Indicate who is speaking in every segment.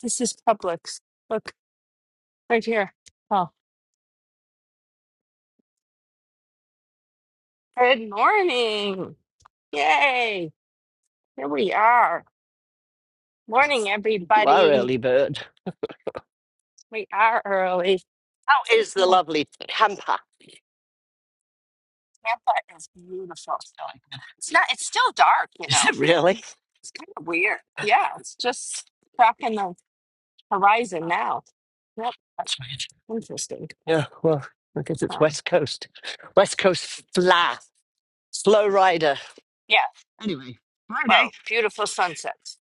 Speaker 1: This is Publix. Look, right here. Oh, good morning. Yay. Here we are. Morning,
Speaker 2: You are
Speaker 1: everybody.
Speaker 2: early bird.
Speaker 1: We are early.
Speaker 2: How is the
Speaker 1: Oh,
Speaker 2: lovely hamper?
Speaker 1: Tampa is beautiful. It's not, it's still dark, you
Speaker 2: Is
Speaker 1: know.
Speaker 2: it really?
Speaker 1: It's kind of weird. Yeah, it's just cracking the horizon
Speaker 2: Oh,
Speaker 1: now. Yep,
Speaker 2: that's weird.
Speaker 1: interesting.
Speaker 2: Yeah, well, I guess it's
Speaker 1: Uh,
Speaker 2: West Coast. West Coast flat. Slow rider.
Speaker 1: yeah,
Speaker 2: Anyway, Friday.
Speaker 1: well, beautiful sunsets.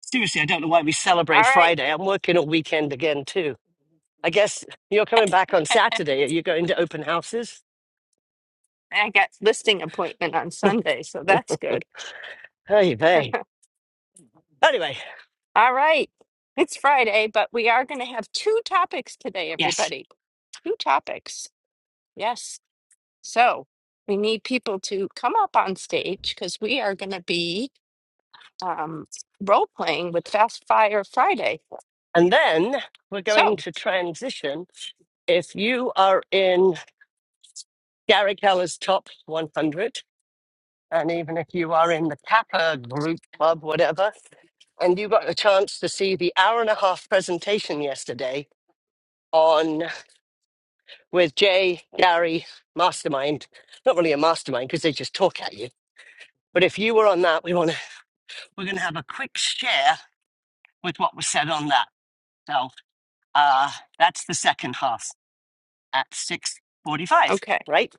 Speaker 2: Seriously, I don't know why we celebrate
Speaker 1: All right.
Speaker 2: Friday. I'm working all weekend again, too. I guess you're coming back on Saturday. Are you going to open houses?
Speaker 1: And I got listing appointment on Sunday, so that's good.
Speaker 2: Hey, hey. Anyway,
Speaker 1: All right. It's Friday, but we are going to have two topics today,
Speaker 2: yes.
Speaker 1: everybody. Two topics. Yes. So we need people to come up on stage because we are going to be um, role playing with Fast Fire Friday.
Speaker 2: And then we're going
Speaker 1: So,
Speaker 2: to transition if you are in Gary Keller's top 100, And even if you are in the Kappa group club, whatever, and you got a chance to see the hour and a half presentation yesterday on with Jay, Gary, Mastermind. Not really a mastermind because they just talk at you. But if you were on that, we want to we're gonna have a quick share with what was said on that. So uh that's the second half at six forty five,
Speaker 1: okay.
Speaker 2: right?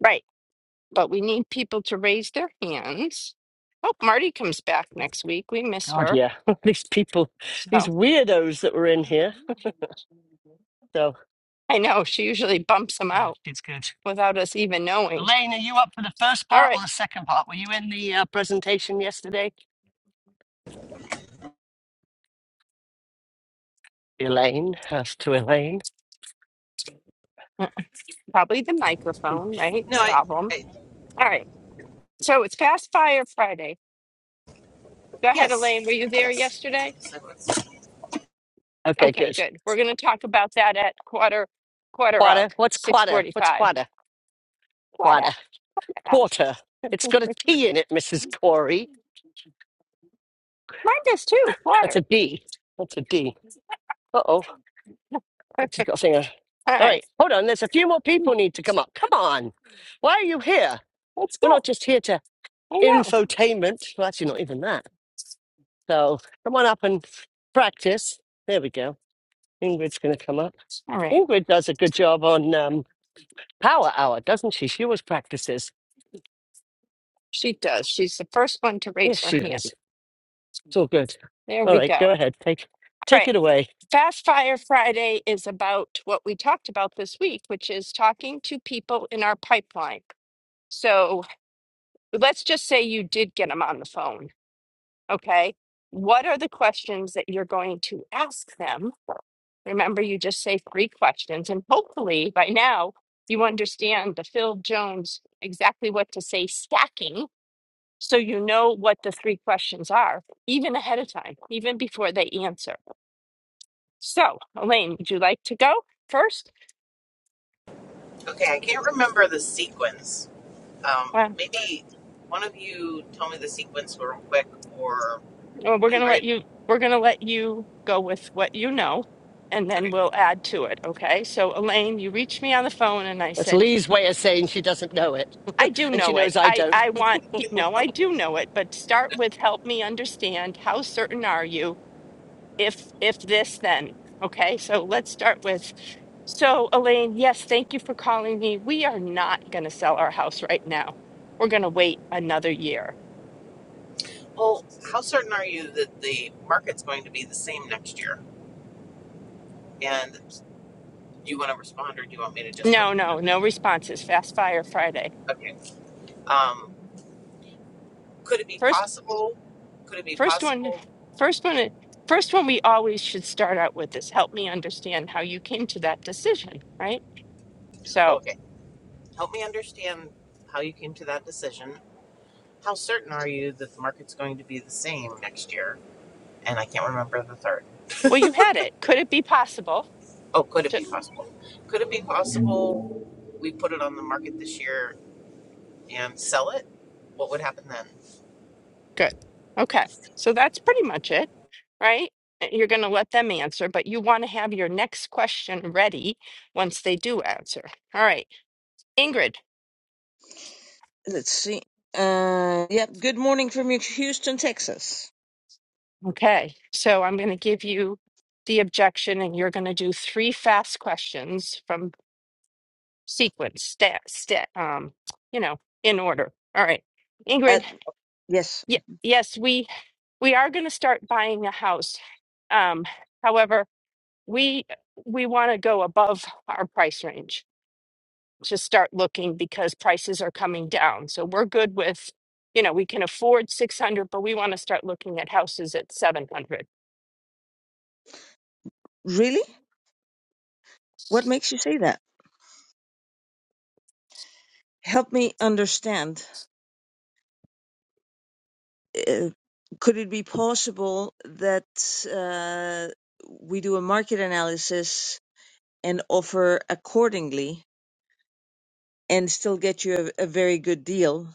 Speaker 1: Right. But we need people to raise their hands. Hope Marty comes back next week. We miss
Speaker 2: God
Speaker 1: her.
Speaker 2: yeah. these people, these
Speaker 1: So
Speaker 2: weirdos that were in here. So
Speaker 1: I know she usually bumps them
Speaker 2: yeah,
Speaker 1: out
Speaker 2: it's good.
Speaker 1: without us even knowing.
Speaker 2: Elaine, are you up for the first
Speaker 1: All
Speaker 2: part or
Speaker 1: right.
Speaker 2: the second part? Were you in the uh, presentation yesterday? Elaine, as to Elaine.
Speaker 1: Probably the microphone, right?
Speaker 3: No, I,
Speaker 1: Problem.
Speaker 3: I
Speaker 1: All right. So it's Fast Fire Friday. Go ahead, Elaine. Were
Speaker 3: yes,
Speaker 1: you there
Speaker 3: yes.
Speaker 1: yesterday?
Speaker 3: So
Speaker 2: Okay,
Speaker 1: Okay,
Speaker 2: good.
Speaker 1: good. We're going to talk about that at quarter quarter of
Speaker 2: Quarter. What's
Speaker 1: six
Speaker 2: quarter?
Speaker 1: forty
Speaker 2: What's
Speaker 1: five.
Speaker 2: quarter?
Speaker 1: Quarter.
Speaker 2: Quarter.
Speaker 1: of.
Speaker 2: Quarter. It's got a
Speaker 1: Mine
Speaker 2: T in it, Mrs. Corey.
Speaker 1: does too.
Speaker 2: That's
Speaker 1: Quarter.
Speaker 2: a D. That's a D. Uh oh.
Speaker 1: All
Speaker 2: It's got a thing. on- All
Speaker 1: right.
Speaker 2: right, hold on. There's a few more people need to come up. Come on. Why are you here?
Speaker 1: Let's
Speaker 2: We're
Speaker 1: go.
Speaker 2: not just here to
Speaker 1: I know.
Speaker 2: infotainment. Well, actually, not even that. So come on up and practice. There we go. Ingrid's going to come up.
Speaker 1: All right.
Speaker 2: Ingrid does a good job on um, Power Hour, doesn't she? She always practices.
Speaker 1: She does. She's the first one to
Speaker 2: Yes,
Speaker 1: raise her
Speaker 2: she
Speaker 1: hand.
Speaker 2: does. It's all good.
Speaker 1: There
Speaker 2: All
Speaker 1: we go.
Speaker 2: right, go
Speaker 1: All
Speaker 2: ahead. Take take
Speaker 1: right.
Speaker 2: it away.
Speaker 1: Fast Fire Friday is about what we talked about this week, which is talking to people in our pipeline. So But let's just say you did get them on the phone, okay? What are the questions that you're going to ask them? Remember, you just say three questions, and hopefully by now you understand the Phil Jones exactly what to say stacking so you know what the three questions are, even ahead of time, even before they answer. So, Elaine, would you like to go first?
Speaker 3: Okay, I can't remember the sequence. Um,
Speaker 1: Uh,
Speaker 3: maybe one of you tell me the sequence real quick, or
Speaker 1: Well, we're gonna let
Speaker 3: Ingrid.
Speaker 1: you we're gonna let you go with what you know and then
Speaker 3: Okay.
Speaker 1: we'll add to it, okay? So Elaine, you reached me on the phone and I
Speaker 2: That's
Speaker 1: said,
Speaker 2: Lee's way of saying she doesn't know it,
Speaker 1: I do
Speaker 2: and she
Speaker 1: know it.
Speaker 2: knows I
Speaker 1: I
Speaker 2: don't.
Speaker 1: I want he- no, I do know it, but start with help me understand how certain are you if if this then, okay? So let's start with so Elaine, yes, thank you for calling me. We are not gonna sell our house right now. We're gonna wait another year.
Speaker 3: Well, how certain are you that the market's going to be the same next year? And do you want to respond, or do you want me to just go?
Speaker 1: No, no, no responses. Fast fire Friday.
Speaker 3: Okay. Um, could it be
Speaker 1: First
Speaker 3: possible? Could it be
Speaker 1: First one,
Speaker 3: possible?
Speaker 1: first one, first one we always should start out with is help me understand how you came to that decision, right? So,
Speaker 3: Okay. Help me understand how you came to that decision. How certain are you that the market's going to be the same next year? and I can't remember the third.
Speaker 1: well, you had it. Could it be possible
Speaker 3: Oh, could it
Speaker 1: to,
Speaker 3: be possible? Could it be possible we put it on the market this year and sell it? What would happen then?
Speaker 1: good. Okay. So that's pretty much it, right? Uh, You're going to let them answer, but you want to have your next question ready once they do answer. All right. Ingrid.
Speaker 4: Let's see. Uh, yeah, good morning from Houston, Texas.
Speaker 1: Okay. So I'm going to give you the objection and you're going to do three fast questions from sequence, stat, stat, um, you know, in order. All right,
Speaker 4: Uh,
Speaker 1: Ingrid.
Speaker 4: yes.
Speaker 1: Y- yes, we we are going to start buying a house. Um, however, we we want to go above our price range to start looking because prices are coming down. So we're good with, you know, we can afford six hundred, but we want to start looking at houses at seven hundred.
Speaker 4: Really? What makes you say that? Help me understand. Uh, could it be possible that uh, we do a market analysis and offer accordingly and still get you a, a very good deal?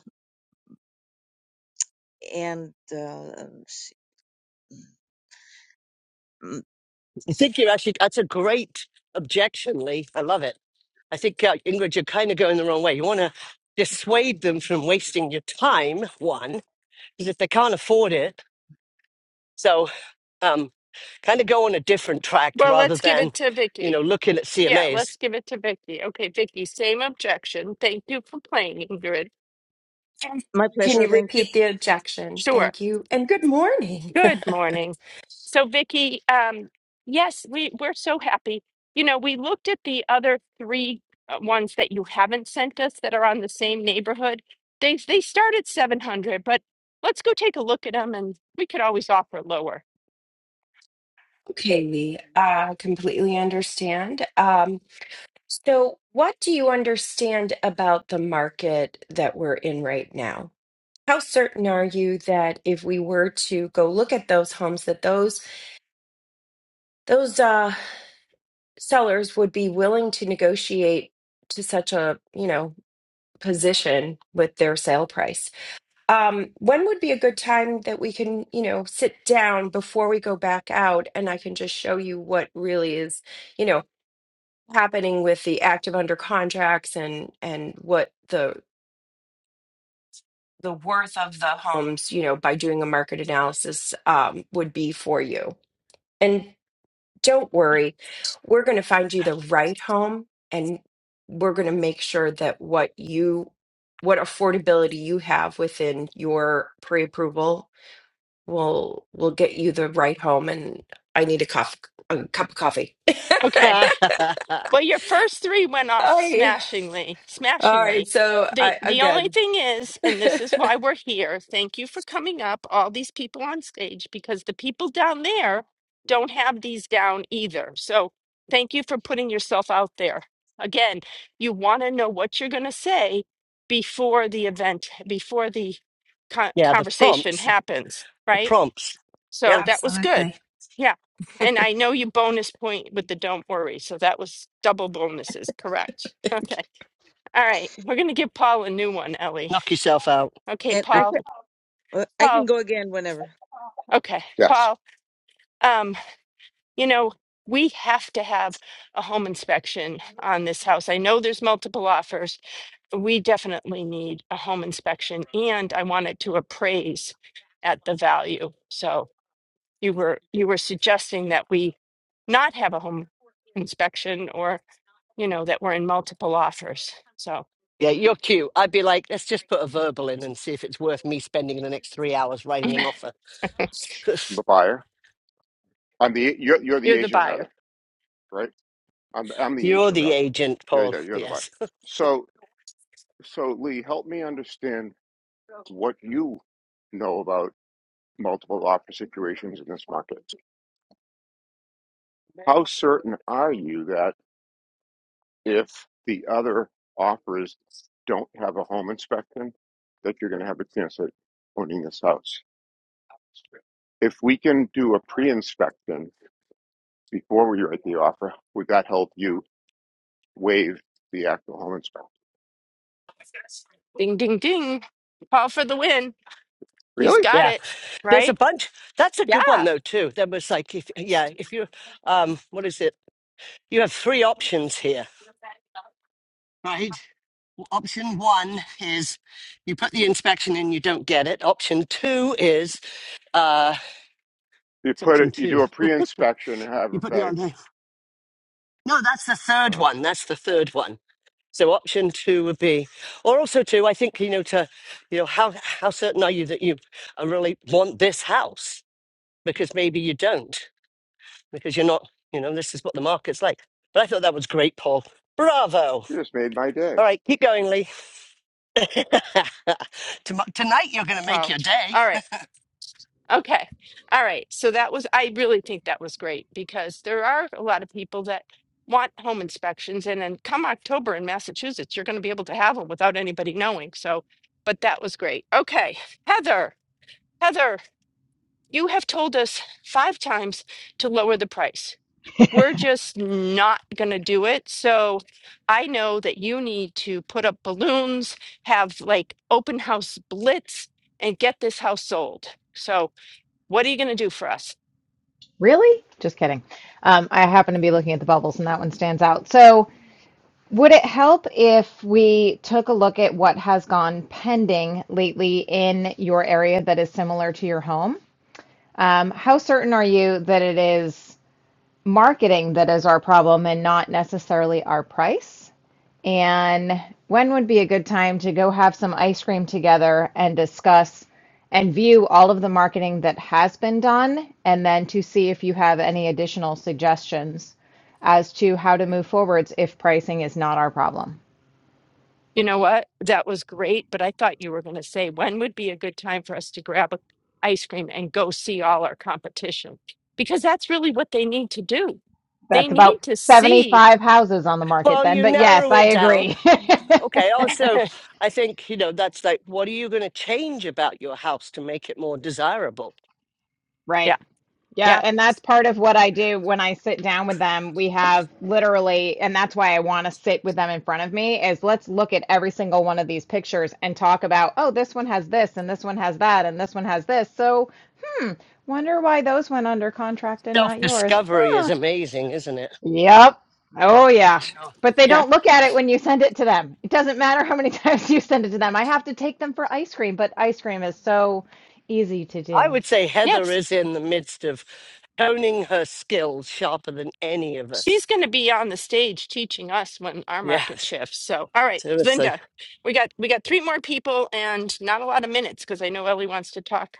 Speaker 4: And uh, let's see. Mm,
Speaker 2: I think you actually. That's a great objection, Lee. I love it. I think uh, Ingrid, you're kind of going the wrong way. You want to dissuade them from wasting your time. One, because if they can't afford it, so um, kind of go on a different track
Speaker 1: Well,
Speaker 2: rather
Speaker 1: let's give it
Speaker 2: than,
Speaker 1: to
Speaker 2: you
Speaker 1: Vicky.
Speaker 2: know, looking at
Speaker 1: Yeah,
Speaker 2: CMAs.
Speaker 1: let's give it to Vicky. Okay, Vicky, same objection. Thank you for playing, Ingrid.
Speaker 4: my
Speaker 5: Can
Speaker 4: pleasure.
Speaker 5: you
Speaker 4: Thank you.
Speaker 5: repeat the objection?
Speaker 1: Sure.
Speaker 5: Thank you. And good morning.
Speaker 1: Good morning. So, Vicky, um, yes, we we're so happy. You know, we looked at the other three uh, ones that you haven't sent us that are on the same neighborhood. They they start at 700, but let's go take a look at them and we could always offer lower.
Speaker 5: Okay, Lee, I completely understand. Um, so, what do you understand about the market that we're in right now? How certain are you that if we were to go look at those homes, that those those uh, sellers would be willing to negotiate to such a you know position with their sale price? Um, when would be a good time that we can, you know, sit down before we go back out and I can just show you what really is, you know, happening with the active under contracts and and what the the worth of the homes, you know, by doing a market analysis um, would be for you. And don't worry, we're going to find you the right home and we're going to make sure that what you what affordability you have within your pre-approval We'll we'll get you the ride home, and I need a coffee, a cup of coffee.
Speaker 1: Okay. Well, your first three went off
Speaker 5: Hi.
Speaker 1: smashingly,
Speaker 5: All right.
Speaker 1: smashingly.
Speaker 5: So
Speaker 1: The
Speaker 5: I
Speaker 1: the only
Speaker 5: again,
Speaker 1: thing is, and this is why we're here. Thank you for coming up, all these people on stage, because the people down there don't have these down either. So thank you for putting yourself out there. Again, you want to know what you're going to say before the event, before the con-
Speaker 2: Yeah, the
Speaker 1: conversation
Speaker 2: prompts.
Speaker 1: happens,
Speaker 2: The
Speaker 1: right?
Speaker 2: prompts.
Speaker 1: So
Speaker 2: Yep.
Speaker 1: that was good.
Speaker 5: Absolutely.
Speaker 1: Yeah. And I know you bonus point with the don't worry. So that was double bonuses, correct? Okay. All right. We're going to give Paul a new one, Ellie.
Speaker 2: Knock yourself out.
Speaker 1: Okay,
Speaker 4: And I
Speaker 1: Paul.
Speaker 4: can, uh, I can
Speaker 1: Paul.
Speaker 4: go again whenever.
Speaker 1: Okay. Paul, um, you know, we have to have a home inspection on this house. I know there's multiple offers. We definitely need a home inspection and I want it to appraise at the value. So, you were you were suggesting that we not have a home inspection or you know that we're in multiple offers so
Speaker 2: Yeah, you're cute. I'd be like, let's just put a verbal in and see if it's worth me spending the next three hours writing an offer.
Speaker 6: I'm the buyer. I'm the you're you're the
Speaker 1: you're the
Speaker 6: agent
Speaker 1: buyer
Speaker 6: rather, right? I'm I'm the
Speaker 2: you're
Speaker 6: agent
Speaker 2: the
Speaker 6: rather.
Speaker 2: agent,
Speaker 6: Yeah,
Speaker 2: Paul.
Speaker 6: yeah, you're the buyer.
Speaker 2: Yes.
Speaker 6: So so Lee, help me understand what you know about multiple offer situations in this market. How certain are you that if the other offers don't have a home inspection, that you're going to have a chance at owning this house? If we can do a pre-inspection before we write the offer, would that help you waive the alcohol inspection.
Speaker 1: ding ding ding paul for the win he's
Speaker 6: Really?
Speaker 1: got
Speaker 2: Yeah.
Speaker 1: it
Speaker 2: There's a
Speaker 1: right
Speaker 2: bunch. That's a
Speaker 1: yeah
Speaker 2: good one though too. There was like if yeah, if you um what is it? You have three options here. Right. Well, Option one is you put the inspection in, you don't get it. Option two is uh
Speaker 6: You
Speaker 2: what's
Speaker 6: put
Speaker 2: option
Speaker 6: it, you
Speaker 2: two?
Speaker 6: do a pre-inspection and have
Speaker 2: You
Speaker 6: a
Speaker 2: put the on
Speaker 6: better.
Speaker 2: there. No, that's the third
Speaker 6: Oh,
Speaker 2: one. That's the third one. So option two would be, or also two. I think you know to, you know how how certain are you that you uh, really want this house? Because maybe you don't, because you're not. You know, this is what the market's like. But I thought that was great, Paul. Bravo.
Speaker 6: you just made my day.
Speaker 2: All right, keep going, Lee. Tom- Tonight you're going to make
Speaker 1: paul
Speaker 2: your day.
Speaker 1: all right Okay. All right. So that was, I really think that was great because there are a lot of people that want home inspections. And then come October in Massachusetts, you're going to be able to have them without anybody knowing. So, but that was great. Okay. Heather, Heather, you have told us five times to lower the price. We're just not going to do it. So I know that you need to put up balloons, have like open house blitz, and get this house sold. So, what are you going to do for us?
Speaker 7: Really? Just kidding. Um, I happen to be looking at the bubbles, and that one stands out. So, would it help if we took a look at what has gone pending lately in your area that is similar to your home? Um, how certain are you that it is marketing that is our problem and not necessarily our price? And when would be a good time to go have some ice cream together and discuss and view all of the marketing that has been done, and then to see if you have any additional suggestions as to how to move forwards if pricing is not our problem?
Speaker 1: You know what? That was great, but I thought you were going to say when would be a good time for us to grab a ice cream and go see all our competition because that's really what they need to do. They
Speaker 7: That's about
Speaker 1: need to see.
Speaker 7: 75 houses on the market
Speaker 2: Well,
Speaker 7: then,
Speaker 2: you
Speaker 7: but yes,
Speaker 2: narrow
Speaker 7: I
Speaker 2: it down.
Speaker 7: agree.
Speaker 2: Okay. Also,
Speaker 1: yeah,
Speaker 2: I think you know that's like, what are you going to change about your house to make it more desirable?
Speaker 7: Right. Yeah,
Speaker 1: yeah,
Speaker 7: and that's part of what I do when I sit down with them. We have literally, and that's why I want to sit with them in front of me is let's look at every single one of these pictures and talk about, oh, this one has this and this one has that and this one has this. So wonder why those went under contract and
Speaker 2: Self
Speaker 7: not yours.
Speaker 2: discovery is
Speaker 7: Huh.
Speaker 2: amazing, isn't it?
Speaker 7: Yep. Oh
Speaker 2: For
Speaker 7: yeah.
Speaker 2: sure.
Speaker 7: But they
Speaker 1: yeah.
Speaker 7: don't look at it when you send it to them. It doesn't matter how many times you send it to them. I have to take them for ice cream, but ice cream is so easy to
Speaker 2: I
Speaker 7: do.
Speaker 2: would say Heather
Speaker 1: Yes,
Speaker 2: is in the midst of honing her skills sharper than any of
Speaker 1: she's
Speaker 2: us.
Speaker 1: going to be on the stage teaching us when our market
Speaker 2: Yes,
Speaker 1: shifts. So, all right,
Speaker 2: seriously.
Speaker 1: Linda, we got we got three more people and not a lot of minutes because I know Ellie wants to talk.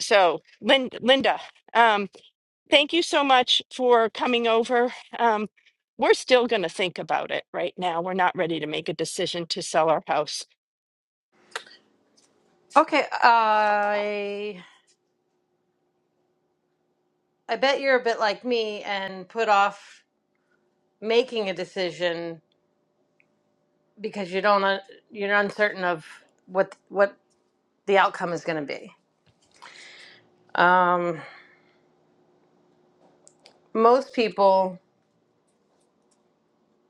Speaker 1: So, Lin- Linda. um, Thank you so much for coming over. Um, we're still going to think about it right now. We're not ready to make a decision to sell our house.
Speaker 8: Okay, I I bet you're a bit like me and put off making a decision because you don't un- you're uncertain of what what the outcome is going to be. Um, most people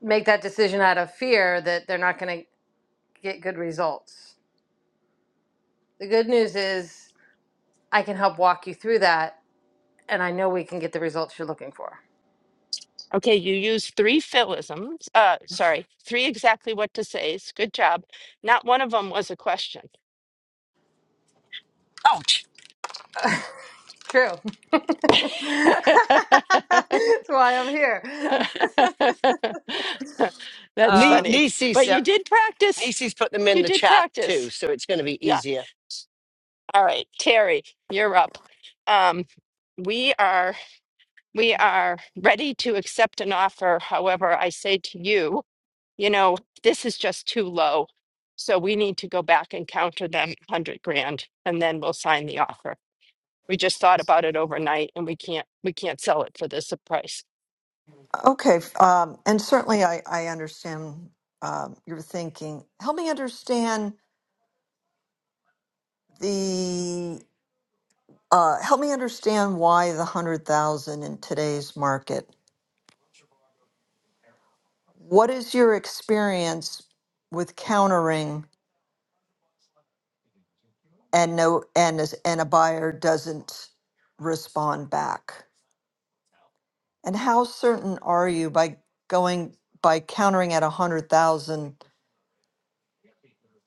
Speaker 8: make that decision out of fear that they're not going to get good results. The good news is I can help walk you through that, and I know we can get the results you're looking for.
Speaker 1: Okay, you used three philisms. Uh, sorry, three exactly what to says. Good job. Not one of them was a question.
Speaker 2: Ouch.
Speaker 8: True. That's why I'm here.
Speaker 1: That's
Speaker 2: Ni-
Speaker 1: funny. But
Speaker 2: Nisi's,
Speaker 8: Um,
Speaker 1: you did practice.
Speaker 2: Nisi's put them in
Speaker 1: You
Speaker 2: the
Speaker 1: did
Speaker 2: chat too,
Speaker 1: practice.
Speaker 2: so it's going to be
Speaker 1: Yeah.
Speaker 2: easier.
Speaker 1: All right, Terry, you're up. Um, we are. We are ready to accept an offer. However, I say to you, you know, this is just too low. So we need to go back and counter them 100 grand and then we'll sign the offer. We just thought about it overnight and we can't we can't sell it for this price.
Speaker 9: Okay, f- um, and certainly I, I understand um, your thinking. Help me understand the uh, help me understand why the hundred thousand in today's market. What is your experience with countering and no and is, and a buyer doesn't respond back? And how certain are you by going by countering at a hundred thousand?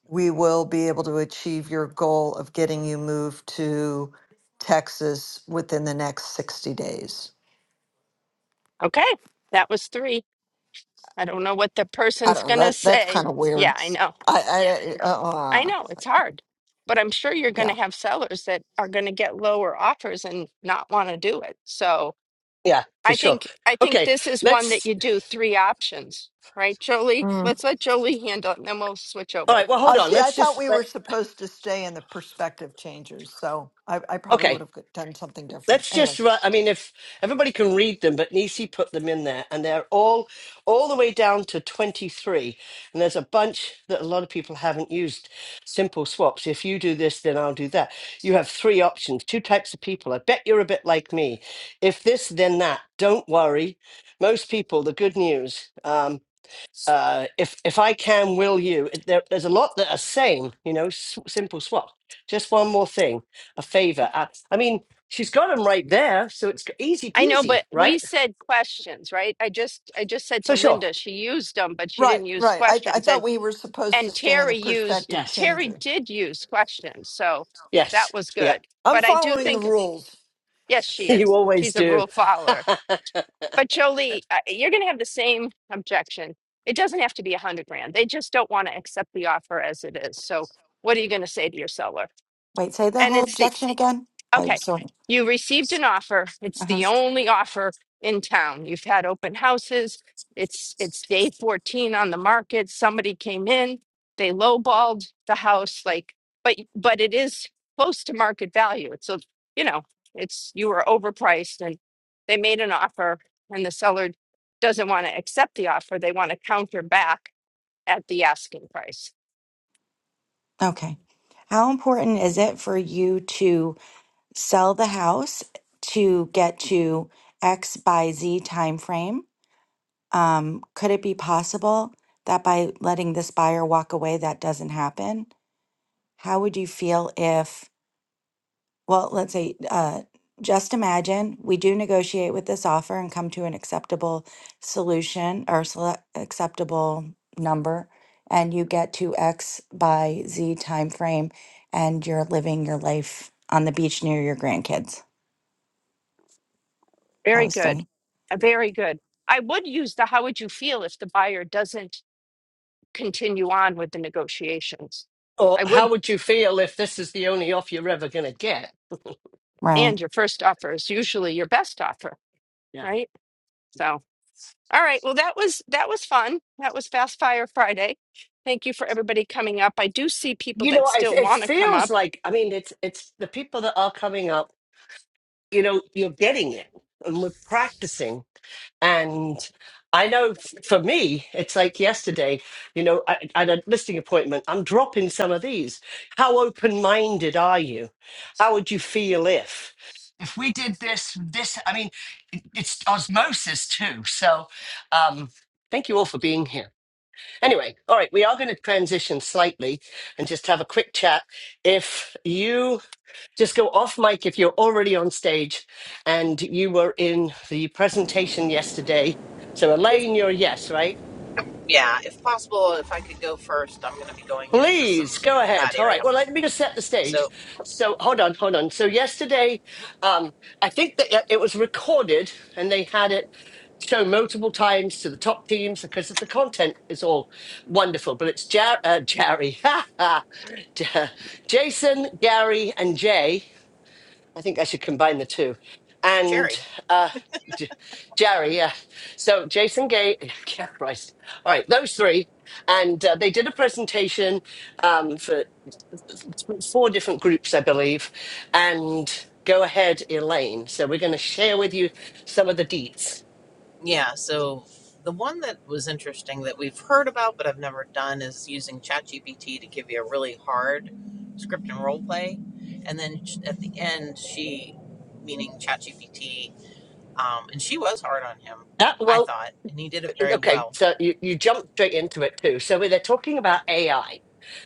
Speaker 9: we will be able to achieve your goal of getting you moved to Texas within the next 60 days.
Speaker 1: Okay? That was 3. I don't know what the
Speaker 9: I
Speaker 1: person's
Speaker 9: don't know.
Speaker 1: going to
Speaker 9: That that's
Speaker 1: say.
Speaker 9: kind of
Speaker 1: Yeah,
Speaker 9: weird.
Speaker 1: I know.
Speaker 9: I I uh,
Speaker 1: I
Speaker 9: uh,
Speaker 1: know it's hard. But I'm sure you're going to
Speaker 9: yeah.
Speaker 1: have sellers that are going to get lower offers and not want to do it. So
Speaker 2: Yeah, for
Speaker 1: I
Speaker 2: sure.
Speaker 1: think I think
Speaker 2: Okay,
Speaker 1: this is one that
Speaker 2: let's.
Speaker 1: you do three options, right, Jolie?
Speaker 9: Mm.
Speaker 1: Let's let Jolie handle it and then we'll switch
Speaker 2: All
Speaker 1: over.
Speaker 2: right, well, hold
Speaker 9: Uh,
Speaker 2: on.
Speaker 9: see, I
Speaker 2: Let's
Speaker 9: thought
Speaker 2: just.
Speaker 9: we
Speaker 2: Let,
Speaker 9: were supposed to stay in the perspective changers, so I, I probably
Speaker 2: okay,
Speaker 9: would have done something different.
Speaker 2: Let's
Speaker 9: Anyway,
Speaker 2: just run. I mean, if everybody can read them, but Nisi put them in there, and they're all all the way down to twenty three. And there's a bunch that a lot of people haven't used. Simple swaps. If you do this, then I'll do that. You have three options, two types of people. I bet you're a bit like me. If this, then that. Don't worry. Most people, the good news. Um, uh, if if I can will you, it- there, there's a lot that are same, you know, s- simple swap. Just one more thing, a favor. Uh, I mean, she's got them right there, so it's g- easy
Speaker 1: I know,
Speaker 2: peasy,
Speaker 1: but we
Speaker 2: right?
Speaker 1: said questions, right? I just I just said
Speaker 2: So
Speaker 1: to
Speaker 2: sure.
Speaker 1: Linda she used them, but she
Speaker 9: right,
Speaker 1: didn't use
Speaker 9: right. I I
Speaker 1: questions.
Speaker 9: thought
Speaker 1: And
Speaker 9: we were supposed to
Speaker 1: and
Speaker 9: stay in the
Speaker 1: Terry used
Speaker 9: perspective
Speaker 2: Yes.
Speaker 1: Terry
Speaker 9: changer.
Speaker 1: did use questions, so that
Speaker 2: Yes.
Speaker 1: was
Speaker 2: Yep.
Speaker 1: good.
Speaker 9: I'm
Speaker 1: But I do
Speaker 9: following
Speaker 2: Yep.
Speaker 9: the
Speaker 1: think
Speaker 9: rules.
Speaker 1: yes, she
Speaker 2: You
Speaker 1: is.
Speaker 2: always
Speaker 1: She's a
Speaker 2: do.
Speaker 1: rule follower. But Jolie, uh, you're going to have the same objection. It doesn't have to be a hundred grand. They just don't want to accept the offer as it is. So what are you going to say to your seller?
Speaker 10: Wait, say the
Speaker 1: And
Speaker 10: whole
Speaker 1: it's the
Speaker 10: objection again. I'm
Speaker 1: Okay.
Speaker 10: sorry.
Speaker 1: You received an offer. It's
Speaker 10: Uh huh.
Speaker 1: the only offer in town. You've had open houses. It's it's day 14 on the market. Somebody came in. They lowballed the house like but but it is close to market value. It's a, you know, it's you were overpriced and they made an offer and the seller doesn't want to accept the offer. They want to counter back at the asking price.
Speaker 10: Okay. How important is it for you to sell the house to get to X by Z time frame? Um, could it be possible that by letting this buyer walk away, that doesn't happen? How would you feel if? Well, let's say, uh, just imagine we do negotiate with this offer and come to an acceptable solution or sele- acceptable number, and you get to X by Z time frame, and you're living your life on the beach near your grandkids. That
Speaker 1: Very
Speaker 10: was
Speaker 1: good.
Speaker 10: funny,
Speaker 1: Uh, Very good. I would use the how would you feel if the buyer doesn't continue on with the negotiations.
Speaker 2: or
Speaker 1: I
Speaker 2: how
Speaker 1: would,
Speaker 2: would you feel if this is the only off you're ever gonna get?
Speaker 10: right?
Speaker 1: and your first offer is usually your best offer,
Speaker 2: Yeah.
Speaker 1: right? So, all right. Well, that was that was fun. That was Fast Fire Friday. Thank you for everybody coming up. I do see people
Speaker 2: You know,
Speaker 1: that
Speaker 2: it,
Speaker 1: still
Speaker 2: it
Speaker 1: want to come
Speaker 2: feels
Speaker 1: up.
Speaker 2: like I mean, it's it's the people that are coming up. You know, you're getting it, and we're practicing And I know f- for me, it's like yesterday, you know, I, I had a listing appointment. I'm dropping some of these. How open minded are you? How would you feel if? If we did this, this, I mean, it- it's osmosis too. So, um, thank you all for being here. Anyway, all right, we are going to transition slightly and just have a quick chat. If you just go off mic if you're already on stage and you were in the presentation yesterday. So,
Speaker 3: If,
Speaker 2: Elaine, you're a yes, right?
Speaker 3: yeah, if possible, if I could go first, I'm going to be going into
Speaker 2: Please
Speaker 3: some
Speaker 2: go
Speaker 3: that
Speaker 2: ahead. All right.
Speaker 3: area.
Speaker 2: Well, let me just set the stage.
Speaker 3: So
Speaker 2: So, hold on, hold on. So, yesterday, um, I think that it it was recorded and they had it shown multiple times to the top teams because the content is all wonderful. But it's Jar- uh, Jerry, Ja- Jason, Gary, and Jay I think I should combine the two. And
Speaker 3: cherry,
Speaker 2: uh, J- Jerry, yeah. So Jason Gay, yeah, Christ. All right, those three. And uh, they did a presentation um, for four different groups, I believe. And go ahead, Elaine. So we're going to share with you some of the deets.
Speaker 3: yeah. So the one that was interesting that we've heard about but I've never done is using ChatGPT to give you a really hard script and role play, and then sh- at the end, she, meaning ChatGPT Um, and she was hard on him,
Speaker 2: That,
Speaker 3: I
Speaker 2: well,
Speaker 3: thought, and he did it very
Speaker 2: okay,
Speaker 3: well.
Speaker 2: so you, you jumped straight into it too. So they're talking about AI.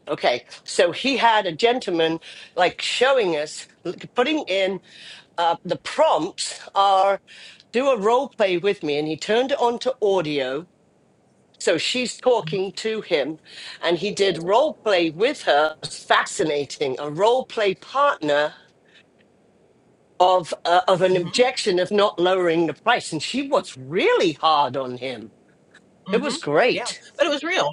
Speaker 2: Okay, so he
Speaker 3: Yep.
Speaker 2: had a gentleman like showing us, l- putting in uh, the prompts are do a role play with me. And he turned it on to audio. So she's talking to him, and he did role play with her. It's Fascinating, a role play partner of uh, of an
Speaker 3: hmm
Speaker 2: objection of not lowering the price, and she was really hard on him. It
Speaker 3: hmm
Speaker 2: was
Speaker 3: Yeah,
Speaker 2: great.
Speaker 3: but it was real.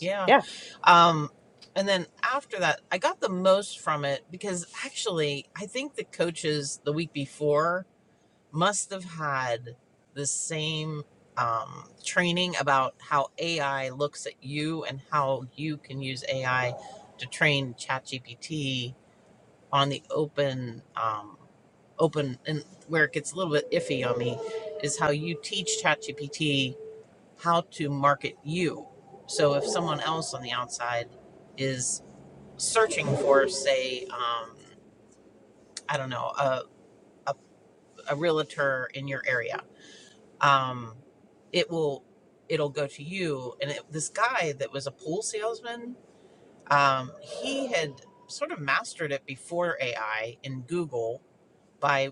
Speaker 3: Yeah.
Speaker 2: Yeah.
Speaker 3: Um, and then after that, I got the most from it because actually, I think the coaches the week before must have had the same um, training about how AI looks at you and how you can use AI to train ChatGPT on the open um, open and where it gets a little bit iffy on me is how you teach ChatGPT how to market you. So if someone else on the outside is searching for, say, um, I don't know, a, a, a realtor in your area, um, it will it'll go to you. And it, this guy that was a pool salesman, um, he had sort of mastered it before AI in Google by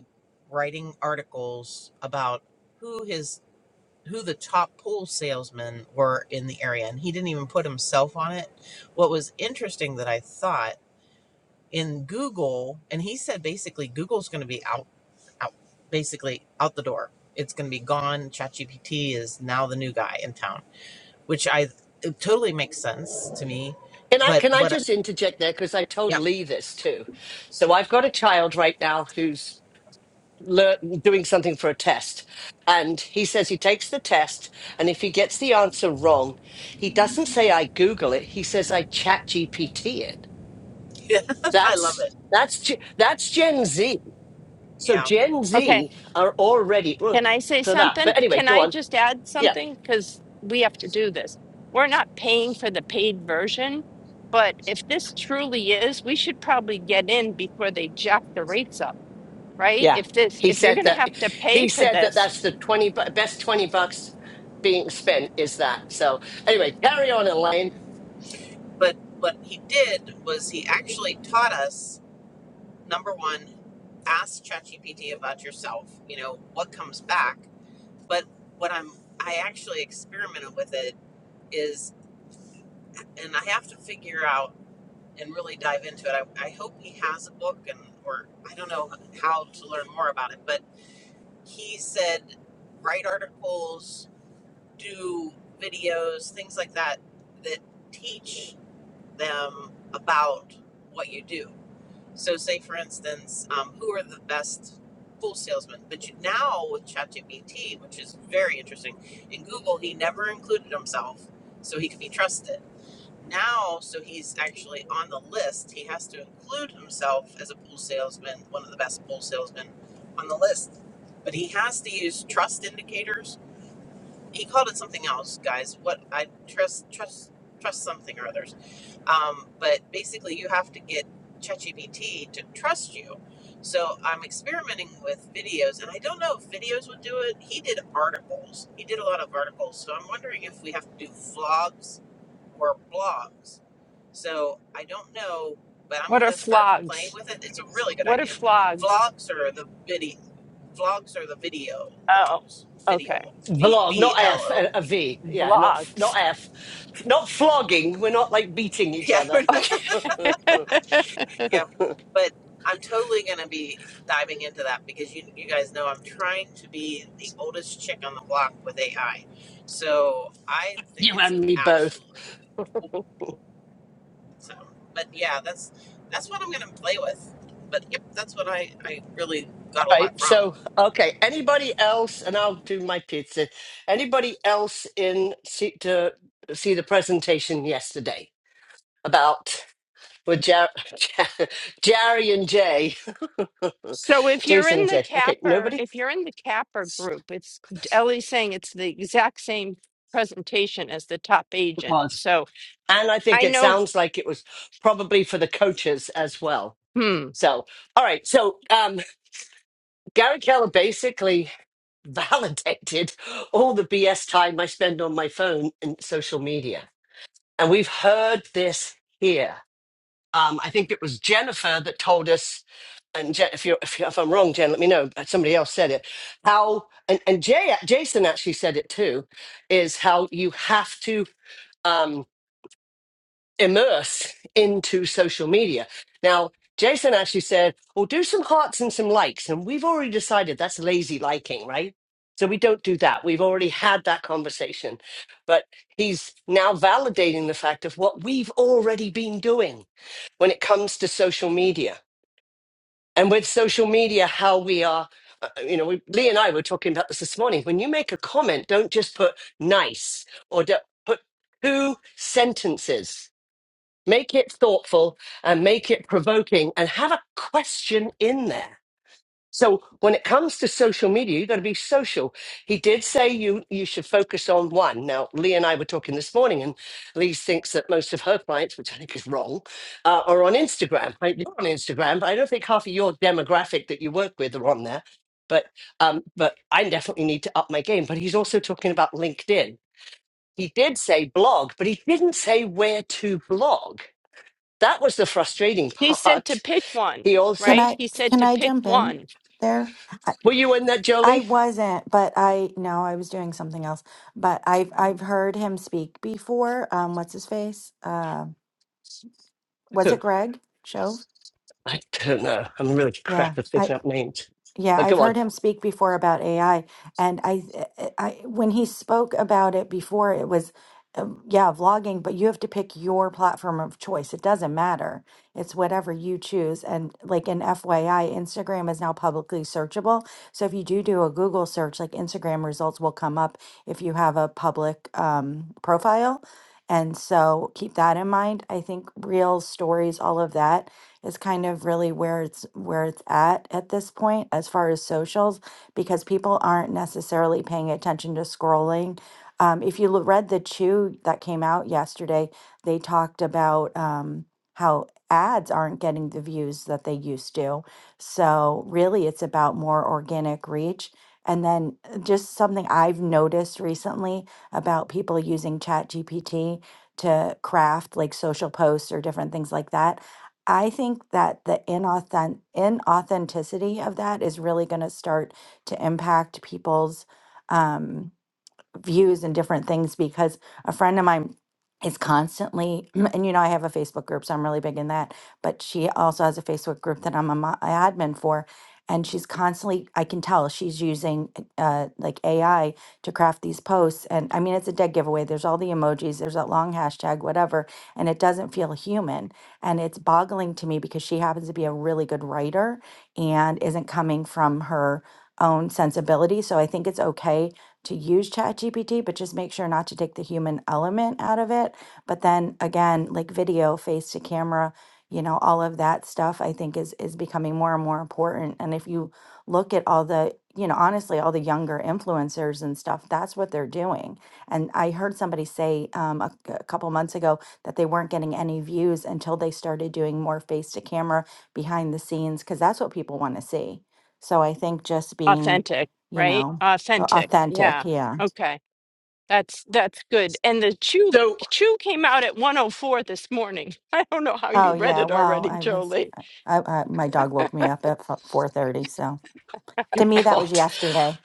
Speaker 3: writing articles about who his who the top pool salesmen were in the area and he didn't even put himself on it what was interesting that i thought in google and he said basically google's going to be out out basically out the door it's going to be gone chatgpt is now the new guy in town which i it totally makes sense to me
Speaker 2: Can I
Speaker 3: but
Speaker 2: can I
Speaker 3: what
Speaker 2: just interject there because I
Speaker 3: yeah
Speaker 2: told Lee this too. So I've got a child right now who's lear- doing something for a test, and he says he takes the test, and if he gets the answer wrong, he doesn't say I Google it. He says I Chat GPT it.
Speaker 3: i love
Speaker 2: That's
Speaker 3: it
Speaker 2: that's Ge- that's Gen Z. So
Speaker 3: yeah
Speaker 2: Gen
Speaker 1: Okay,
Speaker 2: Z are already ugh,
Speaker 1: can I say
Speaker 2: for that.
Speaker 1: something?
Speaker 2: But anyway,
Speaker 1: Can
Speaker 2: go
Speaker 1: I
Speaker 2: on.
Speaker 1: just add
Speaker 2: Yeah.
Speaker 1: something? Because we have to do this. We're not paying for the paid version, but if this truly is, we should probably get in before they jack the rates up right?
Speaker 2: Yeah.
Speaker 1: If this,
Speaker 2: He
Speaker 1: if you're
Speaker 2: said
Speaker 1: going to
Speaker 2: that
Speaker 1: have to pay
Speaker 2: he
Speaker 1: for
Speaker 2: said that
Speaker 1: this,
Speaker 2: that's the 20 bu- best 20 bucks being spent is that. So anyway, carry on Elaine.
Speaker 3: but what he did was he actually taught us number one, ask ChatGPT about yourself, you know, what comes back. But what I'm, I actually experimented with it is, and I have to figure out and really dive into it. I, I hope he has a book and, or I don't know how to learn more about it, but he said, write articles, do videos, things like that, that teach them about what you do So, say for instance, um, who are the best pool salesmen? But you, now with ChatGPT, which is very interesting, in Google, he never included himself, so he could be trusted. Now, so he's actually on the list. He has to include himself as a pool salesman, one of the best pool salesmen on the list. But he has to use trust indicators he called it something else, guys. What I trust, trust, trust something or others. Um, but basically, you have to get ChatGPT to trust you. So I'm experimenting with videos, and I don't know if videos would do it. He did articles. He did a lot of articles. So I'm wondering if we have to do vlogs or blogs. So I don't know, but I'm
Speaker 1: what are
Speaker 3: gonna start playing
Speaker 1: flogs?
Speaker 3: with it. It's a really good
Speaker 1: What are
Speaker 3: idea.
Speaker 1: flogs?
Speaker 3: Vlogs or the Vlogs are the video
Speaker 1: Oh,
Speaker 3: logs, video,
Speaker 1: okay.
Speaker 3: V
Speaker 2: Vlog,
Speaker 3: V
Speaker 2: not
Speaker 3: L
Speaker 2: F,
Speaker 3: O.
Speaker 2: a, a V. Yeah, not f-
Speaker 1: Vlogs.
Speaker 2: not F. Not flogging. We're not like beating each
Speaker 3: Yeah,
Speaker 2: other.
Speaker 1: Okay.
Speaker 3: yeah. But I'm totally going to be diving into that because you, you guys know I'm trying to be the oldest chick on the block with AI. So I think
Speaker 2: you
Speaker 3: it's
Speaker 2: and me both.
Speaker 3: absolutely cool. So, but yeah, that's that's what I'm going to play with. But yep, that's what I, I really got a
Speaker 2: All
Speaker 3: lot
Speaker 2: right.
Speaker 3: from.
Speaker 2: So, okay. Anybody else and I'll do my pizza. Anybody else in see, to see the presentation yesterday about with Jar- Jerry and Jay?
Speaker 1: so if you're
Speaker 2: Jason
Speaker 1: in
Speaker 2: and
Speaker 1: the
Speaker 2: Jay. Okay,
Speaker 1: capper,
Speaker 2: nobody?
Speaker 1: if you're in the capper group, it's Ellie's saying it's the exact same presentation as the top
Speaker 2: It
Speaker 1: agent.
Speaker 2: was.
Speaker 1: So
Speaker 2: And I think
Speaker 1: I
Speaker 2: it
Speaker 1: know,
Speaker 2: sounds like it was probably for the coaches as well.
Speaker 1: hmm,
Speaker 2: So, all right. So, um, Gary Keller basically validated all the BS time I spend on my phone and social media. And we've heard this here. Um, I think it was Jennifer that told us and Jen, if you if, you- if I'm wrong, Jen, let me know. but Somebody else said it. How and and Jay, Jason actually said it too, is how you have to. um, immerse into social media. Now, Jason actually said, well, do some hearts and some likes. And we've already decided that's lazy liking, right? So we don't do that. We've already had that conversation. But he's now validating the fact of what we've already been doing when it comes to social media. And with social media, how we are, uh, uh, you know, we, Lee and I were talking about this this morning. When you make a comment, don't just put nice or don't, put two sentences make it thoughtful and make it provoking and have a question in there so when it comes to social media you've got to be social he did say you you should focus on one now lee and i were talking this morning and lee thinks that most of her clients which i think is wrong uh, are on instagram right you're on instagram but i don't think half of your demographic that you work with are on there but um but i definitely need to up my game but he's also talking about linkedin he did say blog but he didn't say where to blog that was the frustrating
Speaker 1: he said to
Speaker 2: part.
Speaker 1: pick one,
Speaker 2: He
Speaker 10: Can
Speaker 2: also,
Speaker 1: right?
Speaker 10: I
Speaker 1: He said
Speaker 10: can
Speaker 1: to
Speaker 10: I
Speaker 1: pick
Speaker 10: jump in
Speaker 1: one
Speaker 10: there? I,
Speaker 2: were you in that,
Speaker 10: I
Speaker 2: Jolie?
Speaker 10: wasn't, but I no, I was doing something else. But I've I've heard him speak before. Um, what's his face? Uh, was
Speaker 2: So
Speaker 10: it Greg Shove?
Speaker 2: I don't know. I'm really
Speaker 10: Yeah,
Speaker 2: crap at
Speaker 10: I
Speaker 2: picking up names.
Speaker 10: yeah,
Speaker 2: But
Speaker 10: I've
Speaker 2: go on.
Speaker 10: heard him speak before about AI, and I eh, eh, I when he spoke about it before, it was um, yeah, vlogging, but you have to pick your platform of choice. It doesn't matter. It's whatever you choose. And like an FYI, Instagram is now publicly searchable. So if you do do a Google search, like Instagram results will come up if you have a public um, profile. And so keep that in mind. I think reels, stories, all of that is kind of really where it's where it's at at this point as far as socials because people aren't necessarily paying attention to scrolling. Um, if you lo- read the Chew that came out yesterday, they talked about um, how ads aren't getting the views that they used to. So really, it's about more organic reach. And then uh, just something I've noticed recently about people using Chat GPT to craft like social posts or different things like that I think that the inauthent- inauthenticity of that is really going to start to impact people's. Um, views and different things because a friend of mine is constantly and you know I have a Facebook group so I'm really big in that but she also has a Facebook group that I'm a mo- a admin for and she's constantly I can tell she's using uh like AI to craft these posts and I mean it's a dead giveaway there's all the emojis there's that long hashtag whatever and it doesn't feel human and it's boggling to me because she happens to be a really good writer and isn't coming from her own sensibility so I think it's okay to use ChatGPT, but just make sure not to take the human element out of it. But then again, like video, face to camera, you know, all of that stuff I think is is becoming more and more important. And if you look at all the, you know, honestly, all the younger influencers and stuff, that's what they're doing. And I heard somebody say um, a, a couple months ago that they weren't getting any views until they started doing more face to camera behind the scenes because that's what people want to see. So I think just being,
Speaker 1: authentic,
Speaker 10: you
Speaker 1: right?
Speaker 10: know, Oh,
Speaker 1: Authentic. Yeah.
Speaker 10: Authentic, yeah.
Speaker 1: Okay. That's that's good. And the Chew
Speaker 2: So,
Speaker 1: Chew came out at 104 this morning. I don't know how
Speaker 10: Oh,
Speaker 1: you read
Speaker 10: yeah.
Speaker 1: it
Speaker 10: Well,
Speaker 1: already,
Speaker 10: I was,
Speaker 1: Jolie.
Speaker 10: I, I my dog woke me up at four thirty. So to
Speaker 2: you
Speaker 10: me, that was
Speaker 2: God.
Speaker 10: yesterday.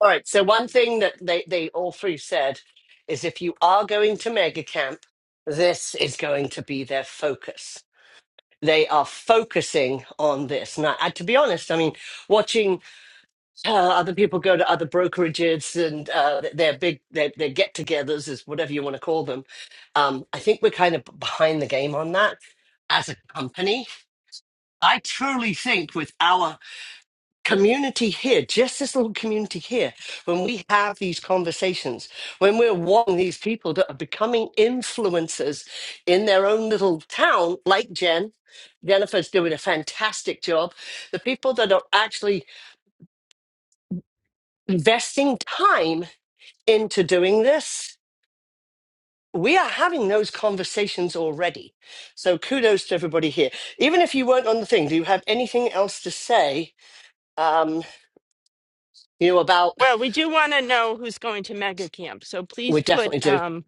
Speaker 2: All right. So, one thing that they, they all three said is if you are going to mega camp, this is going to be their focus. They are focusing on this. Now, uh, to be honest, I mean, watching. uh, other people go to other brokerages and uh, th- their big their, their get-togethers is whatever you want to call them. Um, I think we're kind of behind the game on that as a company. I truly think with our community here, just this little community here, when we have these conversations, when we're wanting these people that are becoming influencers in their own little town, like Jen, Jennifer's doing a fantastic job. The people that are actually investing time into doing this, we are having those conversations already. So kudos to everybody here. Even if you weren't on the thing, do you have anything else to say? Um, you know about
Speaker 1: Well, we do want to know who's going to Mega Camp, so please
Speaker 2: we
Speaker 1: put
Speaker 2: definitely do.
Speaker 1: um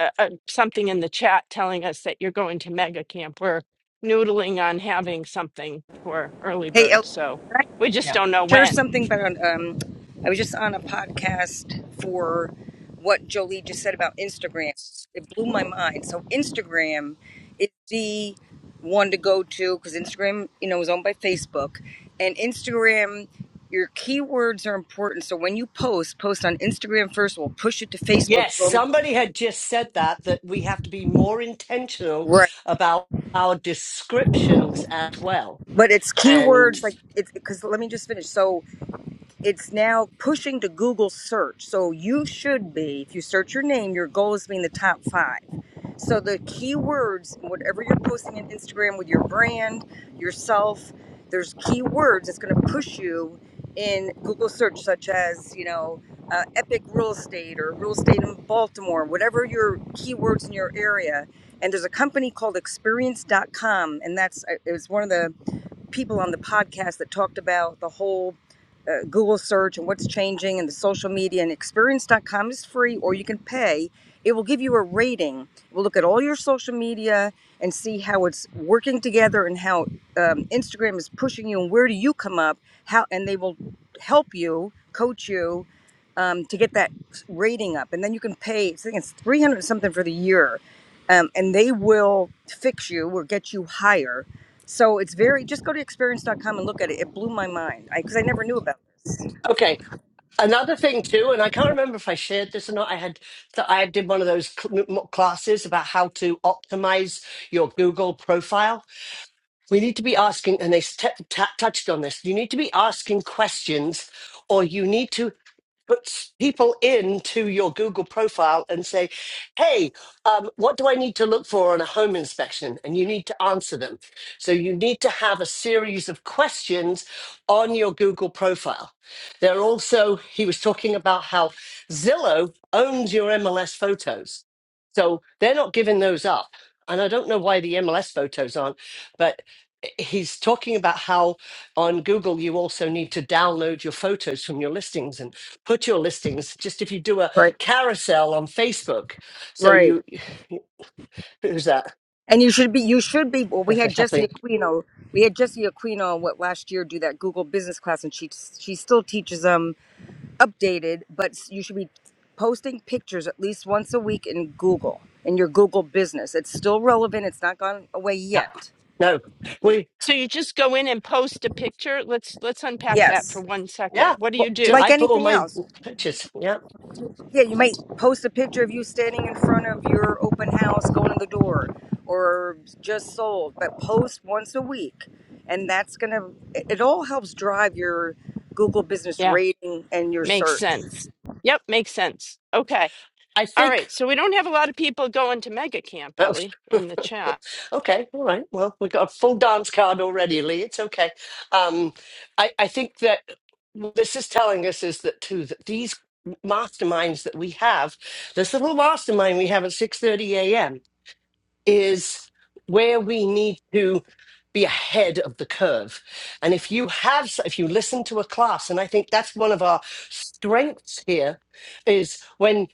Speaker 1: a, a, something in the chat telling us that you're going to Mega Camp. We're noodling on having something for early
Speaker 11: Hey, El,
Speaker 1: birds, so
Speaker 11: can I
Speaker 1: we just
Speaker 2: Yeah.
Speaker 1: don't know
Speaker 11: share
Speaker 1: when.
Speaker 11: something about? Um, I was just on a podcast for what Jolie just said about Instagram. It blew my mind. So Instagram is the one to go to because Instagram, you know, is owned by Facebook, and Instagram. Your keywords are important. So when you post, post on Instagram first. We'll push it to Facebook.
Speaker 2: Yes, somebody had just said that that we have to be more intentional
Speaker 11: Right.
Speaker 2: about our descriptions as well.
Speaker 11: But it's
Speaker 2: And
Speaker 11: keywords like it's because let me just finish. So it's now pushing to Google search. So you should be, if you search your name, your goal is being the top five. So the keywords, whatever you're posting on Instagram with your brand, yourself, there's keywords that's going to push you in Google search, such as, you know, uh, epic real estate or real estate in Baltimore, whatever your keywords in your area. And there's a company called experience.com, and that's, uh, it was one of the people on the podcast that talked about the whole uh, Google search and what's changing and the social media. And Experience. dot com is free, or you can pay. It will give you a rating. We'll look at all your social media and see how it's working together and how um, Instagram is pushing you and where do you come up. How and they will help you, coach you um, to get that rating up, and then you can pay. I think it's three hundred something for the year, um, and they will fix you or get you higher. So it's very just go to experience. dot com and look at it. It blew my mind because I, 'cause I never knew about this.
Speaker 2: okay, another thing too, and I can't remember if I shared this or not. I had that I did one of those cl- m- classes about how to optimize your Google profile We need to be asking, and they s- t- t- touched on this. You need to be asking questions, or you need to put s- people into your Google profile and say, "Hey, um, what do I need to look for on a home inspection?" And you need to answer them. So you need to have a series of questions on your Google profile. There are also he was talking about how Zillow owns your MLS photos, so they're not giving those up. And I don't know why the MLS photos aren't, but he's talking about how on Google you also need to download your photos from your listings and put your listings just if you do a
Speaker 11: Right,
Speaker 2: carousel on Facebook. So
Speaker 11: right.
Speaker 2: you who's that?
Speaker 11: And you should be you should be. Well, we
Speaker 2: Okay,
Speaker 11: had Jessie
Speaker 2: Kathleen.
Speaker 11: Aquino. We had Jessie Aquino what last year do that Google Business class, and she she still teaches them updated, but s- you should be posting pictures at least once a week in Google, in your Google business. It's still relevant, it's not gone away
Speaker 2: Yeah.
Speaker 11: yet.
Speaker 2: No. We
Speaker 1: So you just go in and post a picture. Let's let's unpack that for
Speaker 11: Yes.
Speaker 1: one second.
Speaker 2: yeah.
Speaker 1: What do you
Speaker 11: Well,
Speaker 2: Ju-
Speaker 1: do?
Speaker 11: like
Speaker 2: I put all
Speaker 11: anything
Speaker 2: my
Speaker 11: else.
Speaker 2: pictures. Yeah.
Speaker 11: Yeah, you might post a picture of you standing in front of your open house going to the door or just sold, but post once a week. And that's going to, it it all helps drive your Google business
Speaker 1: Yeah,
Speaker 11: rating and your
Speaker 1: makes
Speaker 11: search.
Speaker 1: sense. Yep, makes sense. Okay.
Speaker 2: I
Speaker 1: All right,
Speaker 2: think
Speaker 1: so we don't have a lot of people going to mega camp, Ellie, in the chat.
Speaker 2: Okay, all right. Well, we've got a full dance card already, Lee. It's okay. Um, I, I think that what this is telling us is that too that these masterminds that we have, this little mastermind we have at six thirty a.m. is where we need to be ahead of the curve. And if you have, if you listen to a class, and I think that's one of our strengths here, is when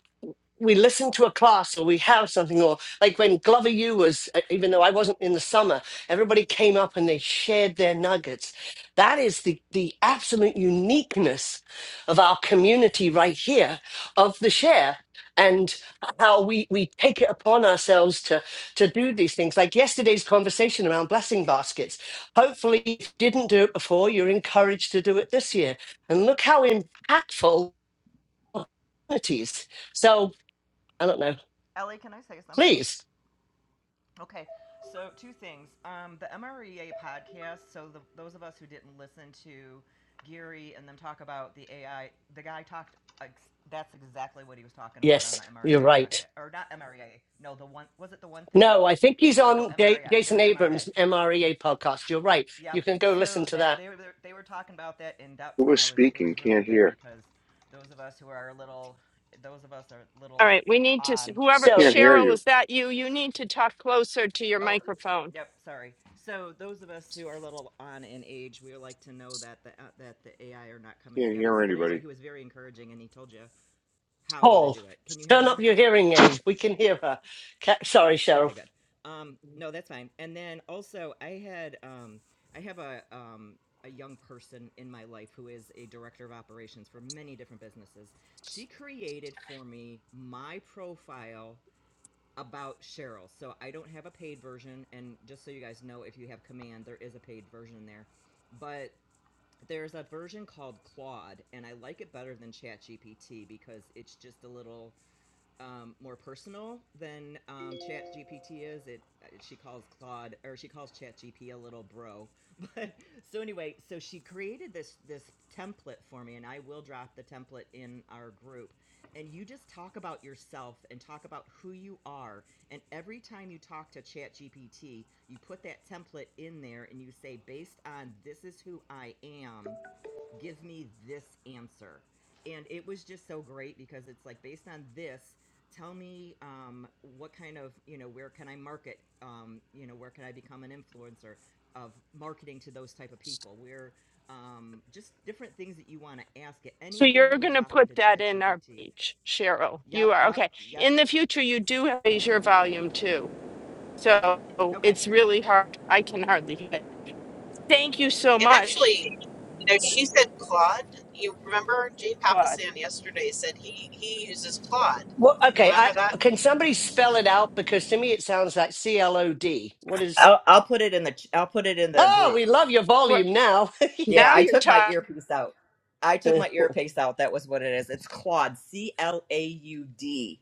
Speaker 2: we listen to a class or we have something or like when glover u was uh, even though i wasn't in the summer everybody came up and they shared their nuggets that is the the absolute uniqueness of our community right here of the share and how we we take it upon ourselves to to do these things like yesterday's conversation around blessing baskets hopefully if you didn't do it before you're encouraged to do it this year and look how impactful opportunities so I don't know.
Speaker 12: Ellie, can I say something?
Speaker 2: Please.
Speaker 12: Okay, so two things. Um, the MREA podcast. So the, those of us who didn't listen to Geary and them talk about the AI, the guy talked. Ex- that's exactly what he was talking about on
Speaker 2: Yes,
Speaker 12: the
Speaker 2: you're
Speaker 12: MREA
Speaker 2: right.
Speaker 12: podcast, or not MREA. No, the one was it the one thing?
Speaker 2: No, I think he's
Speaker 12: No,
Speaker 2: on Da-
Speaker 12: MREA. It
Speaker 2: Jason
Speaker 12: was MREA.
Speaker 2: Abrams' MREA podcast. You're right.
Speaker 12: Yep.
Speaker 2: You can go
Speaker 12: So
Speaker 2: listen to
Speaker 12: that
Speaker 2: that.
Speaker 12: they were they were talking about that in
Speaker 6: Who
Speaker 12: depth, and
Speaker 6: was
Speaker 12: I was it
Speaker 6: speaking?
Speaker 12: was really
Speaker 6: Can't
Speaker 12: good
Speaker 6: hear.
Speaker 12: because those of us who are a little, those of us are a
Speaker 1: All
Speaker 12: little
Speaker 1: right, we need to, s-
Speaker 12: on
Speaker 1: whoever,
Speaker 6: We can't
Speaker 2: So,
Speaker 6: hear
Speaker 1: Cheryl,
Speaker 6: you.
Speaker 1: is that you? You need to talk closer to your
Speaker 12: Oh,
Speaker 1: microphone.
Speaker 12: yep. Sorry. So those of us who are a little on in age, we like to know that the uh, that the AI are not coming to
Speaker 6: Can't
Speaker 12: get
Speaker 6: hear
Speaker 12: us. But
Speaker 6: anybody.
Speaker 12: anyway, he was very encouraging, and he told you how to
Speaker 2: Paul,
Speaker 12: do it. Can you hear me
Speaker 2: turn up
Speaker 12: now?
Speaker 2: your hearing aid. We can hear her. Ca- Sorry,
Speaker 12: Okay,
Speaker 2: Cheryl.
Speaker 12: good. Um, no, that's fine. And then also, I had um, I have a um, a young person in my life who is a director of operations for many different businesses. She created for me my profile about Cheryl. So I don't have a paid version, and just so you guys know, if you have Command, there is a paid version there. But there's a version called Claude, and I like it better than ChatGPT because it's just a little um, more personal than um, Chat GPT is. It, she calls Claude or she calls Chat GP a little bro. But so anyway, so she created this this template for me, and I will drop the template in our group. And you just talk about yourself and talk about who you are. And every time you talk to Chat GPT, you put that template in there, and you say, based on this is who I am give me this answer. And it was just so great because it's like based on this, tell me um, what kind of, you know, where can I market? Um, you know, where can I become an influencer of marketing to those type of people? Where um, just different things that you want to ask it.
Speaker 1: So
Speaker 12: Anything you
Speaker 1: you're
Speaker 12: would
Speaker 1: going to
Speaker 12: drop into
Speaker 1: put that in our
Speaker 12: ChatGPT.
Speaker 1: page, Cheryl. You
Speaker 12: Yep,
Speaker 1: are,
Speaker 12: yep,
Speaker 1: okay.
Speaker 12: yep.
Speaker 1: In the future, you do raise your volume too. So
Speaker 12: Okay.
Speaker 1: it's really hard. I can hardly hear. it. Thank you so
Speaker 3: And
Speaker 1: much,
Speaker 3: actually, you know, she said Claude. You remember Jay
Speaker 1: Claude.
Speaker 3: Papasan yesterday said he he uses Claude.
Speaker 2: Well, okay. I,
Speaker 3: Remember that?
Speaker 2: can somebody spell it out? Because to me, it sounds like C L O D. What is.
Speaker 12: I'll, I'll put it in the ch- I'll put it in the
Speaker 2: Oh,
Speaker 12: group.
Speaker 2: we love your
Speaker 1: We're-
Speaker 2: volume now.
Speaker 12: Yeah,
Speaker 1: Now
Speaker 12: I
Speaker 1: you're
Speaker 12: took my
Speaker 1: talking.
Speaker 12: earpiece out. I took
Speaker 2: that
Speaker 12: my earpiece out. That was what it is. It's Claude, C L A U D.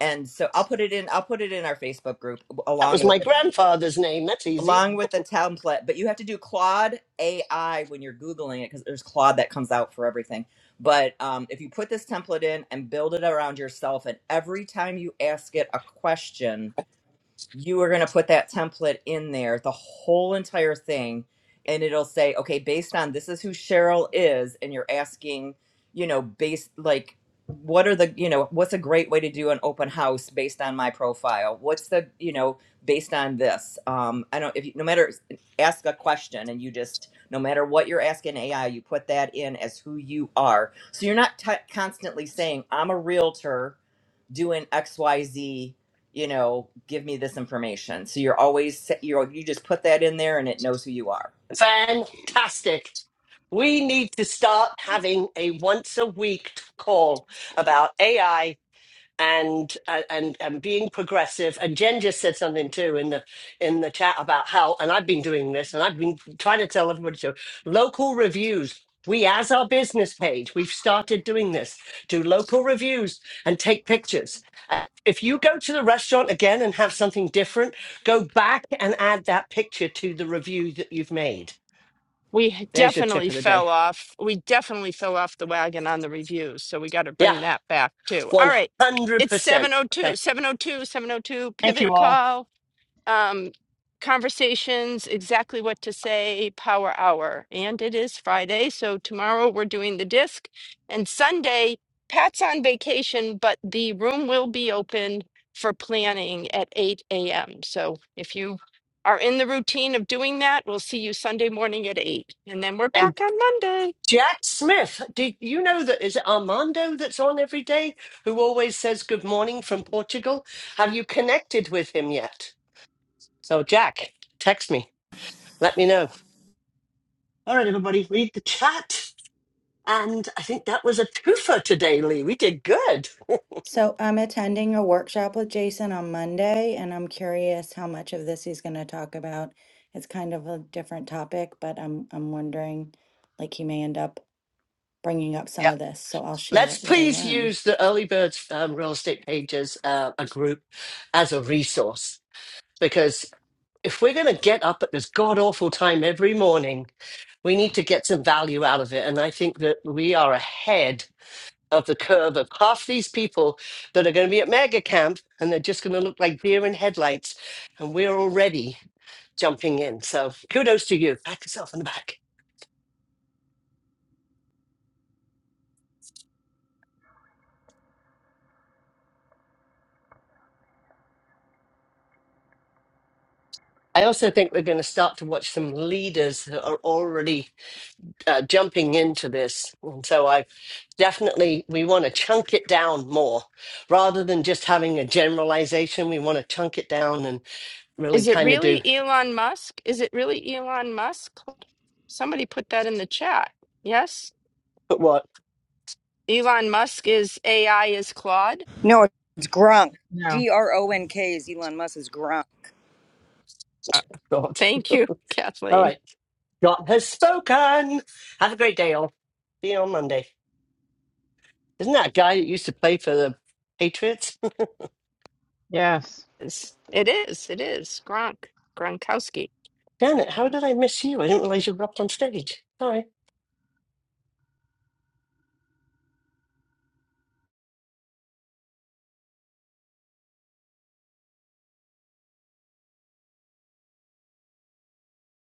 Speaker 12: And so I'll put it in I'll put it in our Facebook group
Speaker 2: was
Speaker 12: along
Speaker 2: my
Speaker 12: with it.
Speaker 2: grandfather's name. That's easy.
Speaker 12: Along with the template, but you have to do Claude AI when you're Googling it because there's Claude that comes out for everything. But um, if you put this template in and build it around yourself, and every time you ask it a question, you are going to put that template in there, the whole entire thing, and it'll say, okay, based on this is who Cheryl is, and you're asking, you know, based like, what are the, you know, what's a great way to do an open house based on my profile? What's the, you know, based on this? Um, I don't, if you, no matter, ask a question and you just, no matter what you're asking AI, you put that in as who you are. So you're not t- constantly saying, I'm a realtor doing xyz you know give me this information so you're always you you just put that in there and it knows who you are
Speaker 2: Fantastic. We need to start having a once a week call about AI and uh, and and being progressive. And Jen just said something too in the in the chat about how. And I've been doing this, and I've been trying to tell everybody to local reviews. We, as our business page, we've started doing this. Do local reviews and take pictures. Uh, If you go to the restaurant again and have something different, go back and add that picture to the review that you've made
Speaker 1: we
Speaker 2: there's your tip
Speaker 1: definitely
Speaker 2: of the day.
Speaker 1: fell off. We definitely fell off the wagon on the reviews, so we got to
Speaker 2: Yeah,
Speaker 1: bring that back too. All right, it's
Speaker 2: 100%.
Speaker 1: seven oh two,
Speaker 2: Okay.
Speaker 1: seven oh two, seven oh two.
Speaker 2: Thank
Speaker 1: pivot
Speaker 2: you all.
Speaker 1: call um, conversations, exactly what to say, power hour. And it is Friday. So tomorrow we're doing the disc. And Sunday, Pat's on vacation, but the room will be open for planning at 8 a.m. So if you are in the routine of doing that, we'll see you Sunday morning at 8. And then we're
Speaker 2: And
Speaker 1: back on Monday.
Speaker 2: Jack Smith, do you know that is it Armando that's on every day who always says good morning from Portugal? Have you connected with him yet? So, Jack, text me. Let me know. All right, everybody, read the chat. And I think that was a twofer today, Lee. We did good.
Speaker 10: So I'm attending a workshop with Jason on Monday, and I'm curious how much of this he's going to talk about. It's kind of a different topic, but I'm I'm wondering, like he may end up bringing up some
Speaker 2: Yeah.
Speaker 10: of this. So I'll share
Speaker 2: Let's
Speaker 10: what I
Speaker 2: please
Speaker 10: learned.
Speaker 2: use the early birds um, real estate pages, uh, a group, as a resource because. if we're going to get up at this god awful time every morning, we need to get some value out of it. And I think that we are ahead of the curve of half these people that are going to be at mega camp and they're just going to look like deer in headlights. And we're already jumping in. So kudos to you. Pat yourself on the back. I also think we're going to start to watch some leaders that are already uh, jumping into this. And so I definitely, we want to chunk it down more rather than just having a generalization. We want to chunk it down and really
Speaker 1: Is it
Speaker 2: kind of
Speaker 1: really
Speaker 2: do
Speaker 1: Elon Musk? Is it really Elon Musk? Somebody put that in the chat. Yes?
Speaker 2: what
Speaker 1: Elon Musk is AI is Claude.
Speaker 11: No, it's Gronk.
Speaker 7: No.
Speaker 11: G R O N K is Elon Musk's Gronk.
Speaker 1: Uh,
Speaker 2: God.
Speaker 1: Thank you,
Speaker 2: All
Speaker 1: Kathleen.
Speaker 2: right. God has spoken. Have a great day, all. See you on Monday. Isn't that a guy that used to play for the Patriots?
Speaker 7: Yes.
Speaker 1: It's- It is. It is. Gronk. Gronkowski.
Speaker 2: Janet, how did I miss you? I didn't realize you were up on stage. Sorry.